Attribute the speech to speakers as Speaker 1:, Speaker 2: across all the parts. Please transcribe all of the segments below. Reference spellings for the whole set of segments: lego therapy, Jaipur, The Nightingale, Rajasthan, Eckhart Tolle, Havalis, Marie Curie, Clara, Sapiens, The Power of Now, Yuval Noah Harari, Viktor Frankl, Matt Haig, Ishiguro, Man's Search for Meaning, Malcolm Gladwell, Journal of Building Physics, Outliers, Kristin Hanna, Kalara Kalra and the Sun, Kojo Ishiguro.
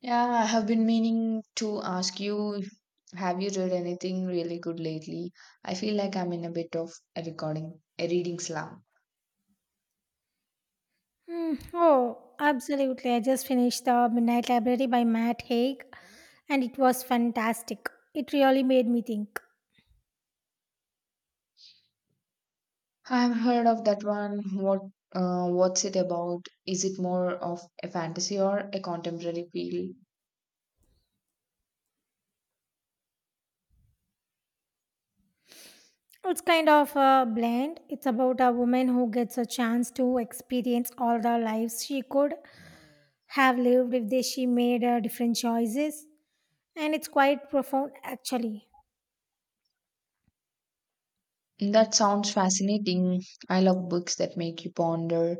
Speaker 1: Yeah, I have been meaning to ask you, have you read anything really good lately? I feel like I'm in a bit of a reading slump.
Speaker 2: Mm, oh, absolutely. I just finished The Midnight Library by Matt Haig and it was fantastic. It really made me think.
Speaker 1: I've heard of that one. What, what's it about? Is it more of a fantasy or a contemporary feel?
Speaker 2: It's kind of a blend. It's about a woman who gets a chance to experience all the lives she could have lived if she made different choices. And it's quite profound, actually.
Speaker 1: That sounds fascinating. I love books that make you ponder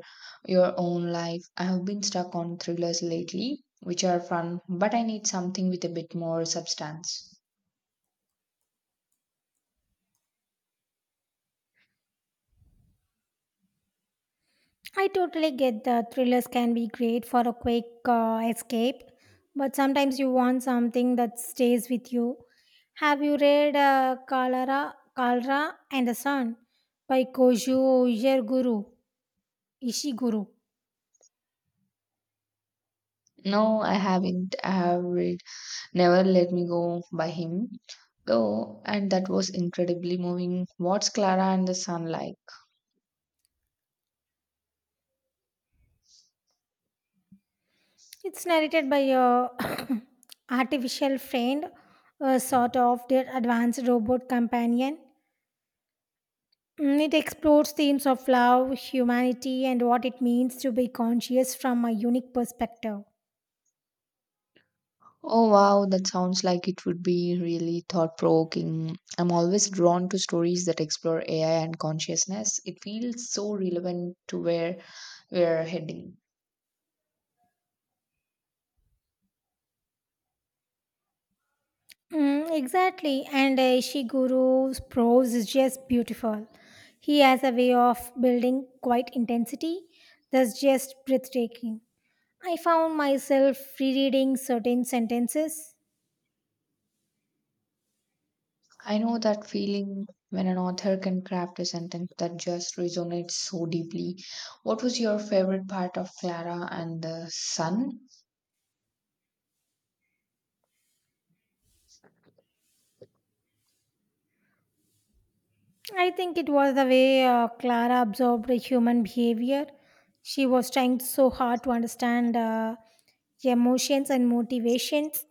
Speaker 1: your own life. I have been stuck on thrillers lately, which are fun, but I need something with a bit more substance.
Speaker 2: I totally get that thrillers can be great for a quick escape, but sometimes you want something that stays with you. Have you read Kalra and the Sun by Kojo Ishiguro? Ishiguro.
Speaker 1: No, I haven't. I have read Never Let Me Go by him, though, and that was incredibly moving. What's Clara and the Sun like?
Speaker 2: It's narrated by a artificial friend, a sort of their advanced robot companion. It explores themes of love, humanity, and what it means to be conscious from a unique perspective.
Speaker 1: Oh wow, that sounds like it would be really thought provoking. I'm always drawn to stories that explore AI and consciousness. It feels so relevant to where we're heading.
Speaker 2: Mm, exactly. And Ishiguro's prose is just beautiful. He has a way of building quite intensity that's just breathtaking. I found myself rereading certain sentences.
Speaker 1: I know that feeling when an author can craft a sentence that just resonates so deeply. What was your favorite part of Clara and the Sun?
Speaker 2: I think it was the way Clara absorbed human behavior. She was trying so hard to understand emotions and motivations,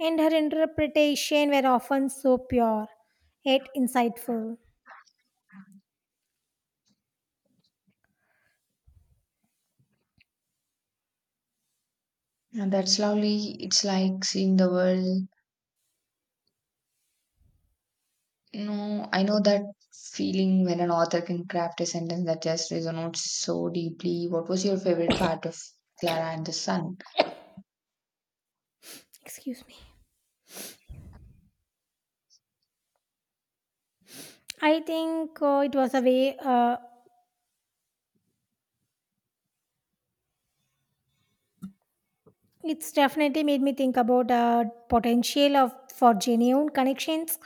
Speaker 2: and her interpretation were often so pure yet insightful.
Speaker 1: And that's lovely. It's like seeing the world. No, I know that feeling when an author can craft a sentence that just resonates so deeply. What was your favorite part of Clara and the Sun?
Speaker 2: Excuse me. I think it was a way. It's definitely made me think about potential of for genuine connections,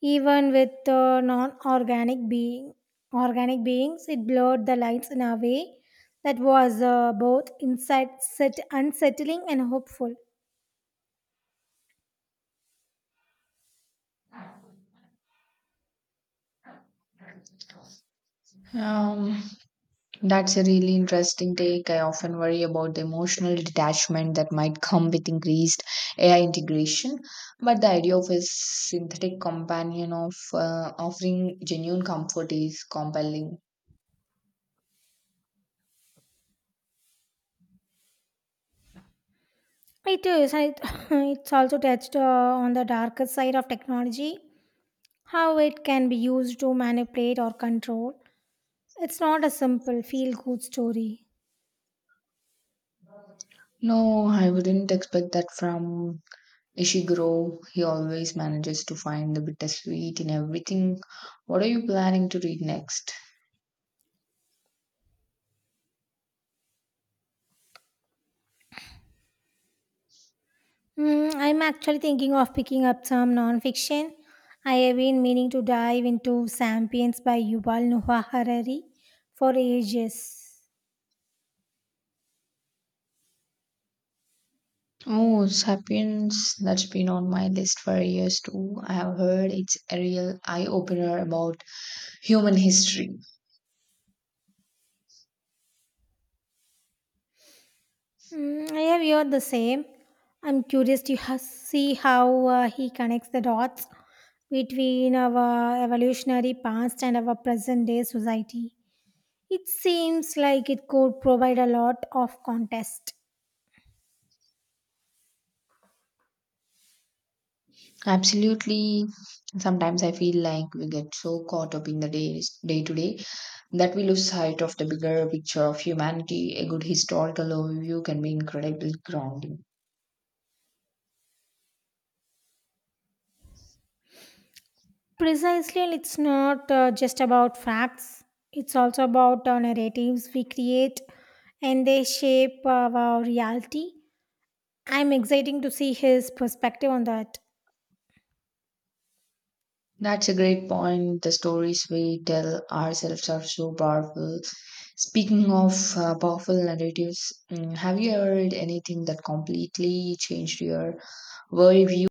Speaker 2: even with non-organic being organic beings. It blurred the lines in a way that was both insight set unsettling and hopeful.
Speaker 1: Um, that's a really interesting take. I often worry about the emotional detachment that might come with increased AI integration, but the idea of a synthetic companion of offering genuine comfort is compelling.
Speaker 2: It is. It, it's also touched on the darker side of technology, how it can be used to manipulate or control. It's not a simple feel-good story.
Speaker 1: No, I wouldn't expect that from Ishiguro, he always manages to find the bittersweet in everything. What are you planning to read next?
Speaker 2: Mm, I'm actually thinking of picking up some nonfiction. I have been meaning to dive into Sapiens by Yuval Noah Harari for ages.
Speaker 1: Oh, Sapiens, that's been on my list for years too. I have heard it's a real eye opener about human history.
Speaker 2: Mm, I have heard the same. I'm curious to see how he connects the dots between our evolutionary past and our present day society. It seems like it could provide a lot of context.
Speaker 1: Absolutely. Sometimes I feel like we get so caught up in the days, day to day, that we lose sight of the bigger picture of humanity. A good historical overview can be incredibly grounding.
Speaker 2: Precisely, and it's not just about facts, it's also about narratives we create and they shape our reality. I'm exciting to see his perspective on that.
Speaker 1: That's a great point. The stories we tell ourselves are so powerful. Speaking of powerful narratives, mm, have you ever read anything that completely changed your worldview?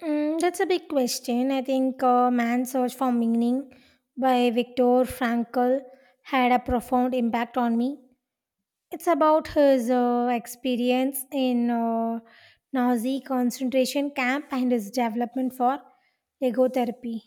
Speaker 2: Mm, that's a big question. I think Man's Search for Meaning by Viktor Frankl had a profound impact on me. It's about his experience in Nazi concentration camp and his development for lego therapy.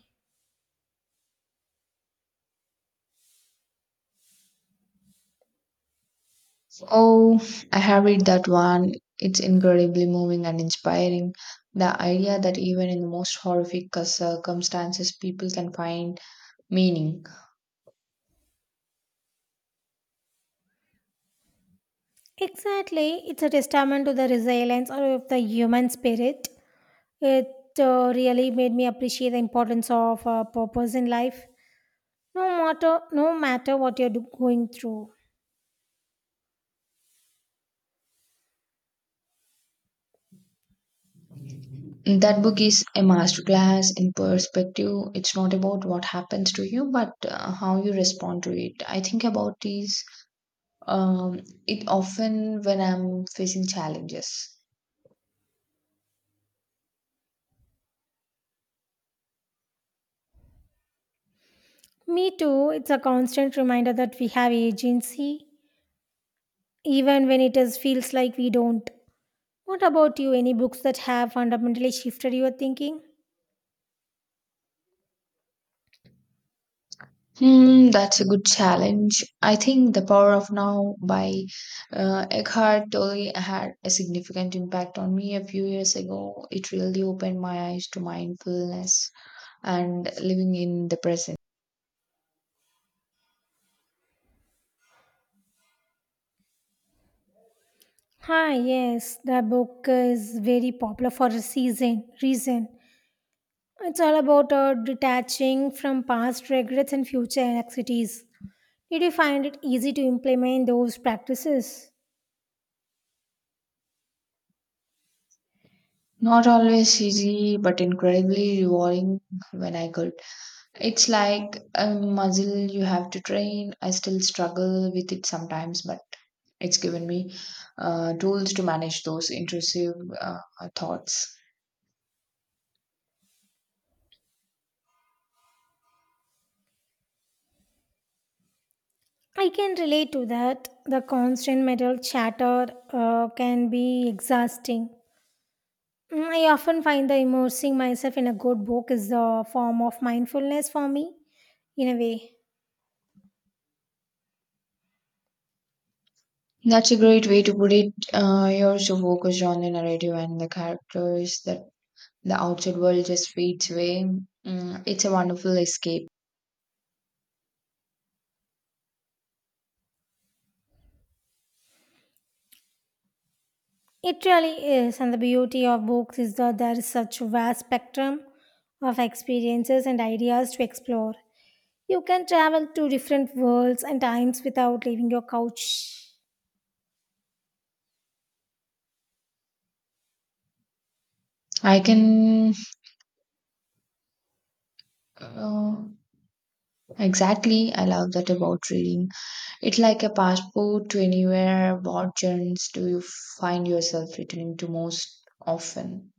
Speaker 1: Oh, I have read that one. It's incredibly moving and inspiring. The idea that even in the most horrific circumstances, people can find meaning.
Speaker 2: Exactly. It's a testament to the resilience of the human spirit. It really made me appreciate the importance of purpose in life, no matter what you're going through.
Speaker 1: That book is a masterclass in perspective. It's not about what happens to you, but how you respond to it. I think about is um, it often when I'm facing challenges.
Speaker 2: Me too. It's a constant reminder that we have agency, even when it feels like we don't. What about you? Any books that have fundamentally shifted your thinking?
Speaker 1: Hmm, that's a good challenge. I think The Power of Now by Eckhart Tolle had a significant impact on me a few years ago. It really opened my eyes to mindfulness and living in the present.
Speaker 2: Hi, yes, the book is very popular for a season reason. It's all about detaching from past regrets and future anxieties. Did you find it easy to implement those practices?
Speaker 1: Not always easy, but incredibly rewarding when I could. It's like a muscle you have to train. I still struggle with it sometimes, but it's given me tools to manage those intrusive uh, thoughts.
Speaker 2: I can relate to that. The constant mental chatter can be exhausting. Mm, I often find that immersing myself in a good book is a form of mindfulness for me, in a way.
Speaker 1: That's a great way to put it. You're so focused on the narrative and the characters that the outside world just fades away. Mm, it's a wonderful escape.
Speaker 2: It really is, and the beauty of books is that there is such a vast spectrum of experiences and ideas to explore. You can travel to different worlds and times without leaving your couch.
Speaker 1: I can. Uh, exactly. I love that about reading. It's like a passport to anywhere. What genres do you find yourself returning to most often?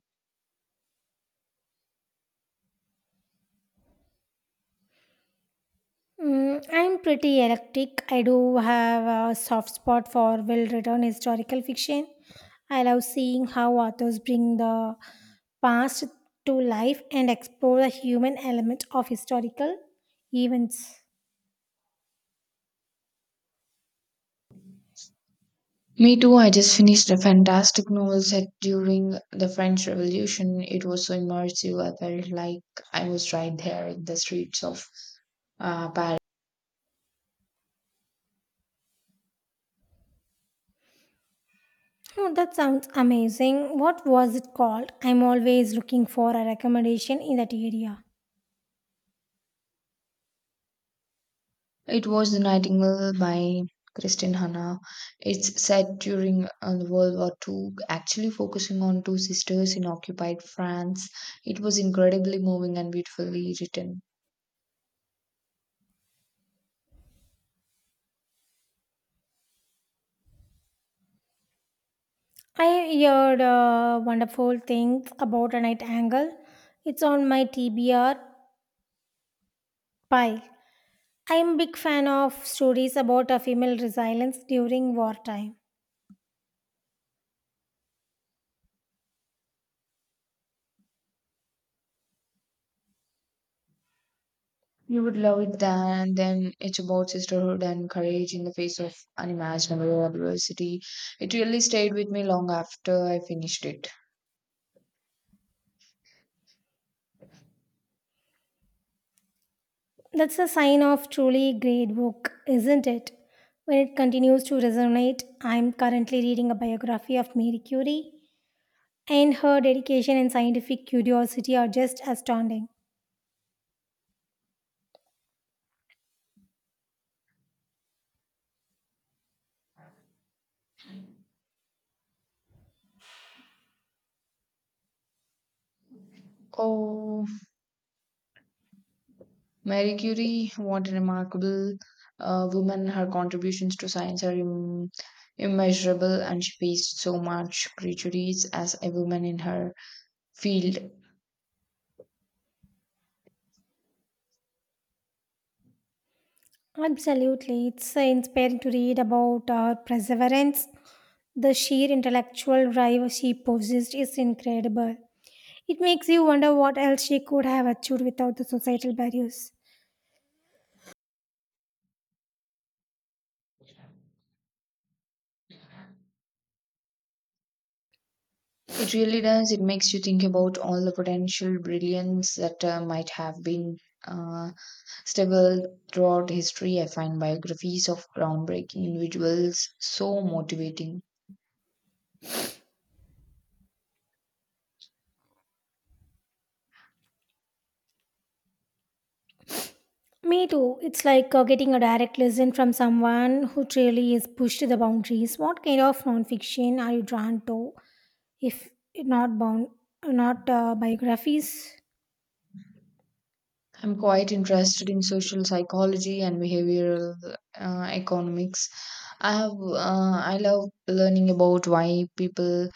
Speaker 2: Mm, I'm pretty eclectic. I do have a soft spot for well written historical fiction. I love seeing how authors bring the past to life and explore the human element of historical events.
Speaker 1: Me too. I just finished a fantastic novel set during the French Revolution. It was so immersive. I felt like I was right there in the streets of Paris.
Speaker 2: Oh, that sounds amazing. What was it called? I'm always looking for a recommendation in that area.
Speaker 1: It was The Nightingale by Kristin Hanna. It's set during the World War Two, actually focusing on two sisters in occupied France. It was incredibly moving and beautifully written.
Speaker 2: I heard wonderful things about a night angle. It's on my TBR pile. I'm a big fan of stories about a female resilience during wartime.
Speaker 1: You would love it then. Then it's about sisterhood and courage in the face of unimaginable adversity. It really stayed with me long after I finished it.
Speaker 2: That's a sign of truly great book, isn't it? When it continues to resonate, I'm currently reading a biography of Marie Curie, and her dedication and scientific curiosity are just astounding.
Speaker 1: Oh, Marie Curie, what a remarkable woman. Her contributions to science are immeasurable, and she faced so much prejudice as a woman in her field.
Speaker 2: Absolutely. It's inspiring to read about her perseverance. The sheer intellectual drive she possessed is incredible. It makes you wonder what else she could have achieved without the societal barriers.
Speaker 1: It really does. It makes you think about all the potential brilliance that might have been uh, stable throughout history. I find biographies of groundbreaking individuals so motivating.
Speaker 2: Me too. It's like getting a direct lesson from someone who truly is pushed to the boundaries. What kind of nonfiction are you drawn to, if not bound, not biographies?
Speaker 1: I'm quite interested in social psychology and behavioral economics. I love learning about why people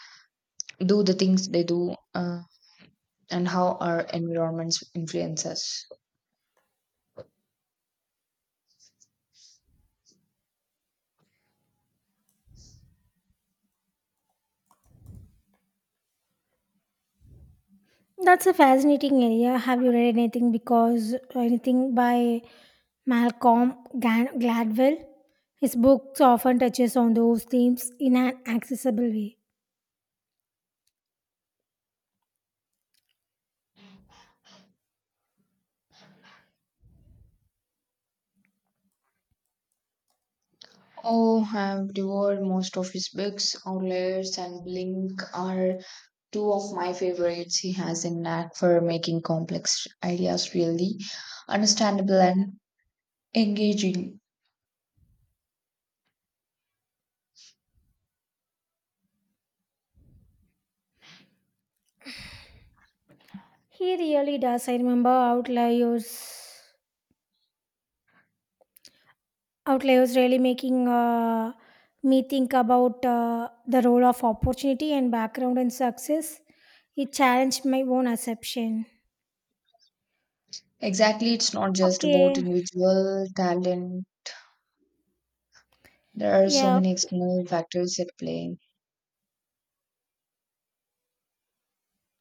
Speaker 1: do the things they do, and how our environments influence us.
Speaker 2: That's a fascinating area. Have you read anything by Gladwell? His books often touches on those themes in an accessible way.
Speaker 1: Oh, I've devoured most of his books. Outliers and Blink are two of my favorites. He has a knack for making complex ideas really understandable and engaging.
Speaker 2: He really does. I remember Outliers. Outliers really making me think about the role of opportunity and background and success. It challenged my own assumption.
Speaker 1: Exactly, it's not just about
Speaker 2: Okay.
Speaker 1: individual talent. There are so
Speaker 2: Yeah.
Speaker 1: many
Speaker 2: Okay.
Speaker 1: external factors at play.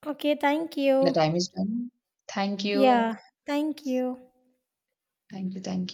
Speaker 2: Okay, thank
Speaker 1: The
Speaker 2: you.
Speaker 1: time is done. Thank
Speaker 2: Yeah.
Speaker 1: you.
Speaker 2: Thank you.
Speaker 1: Thank you. Thank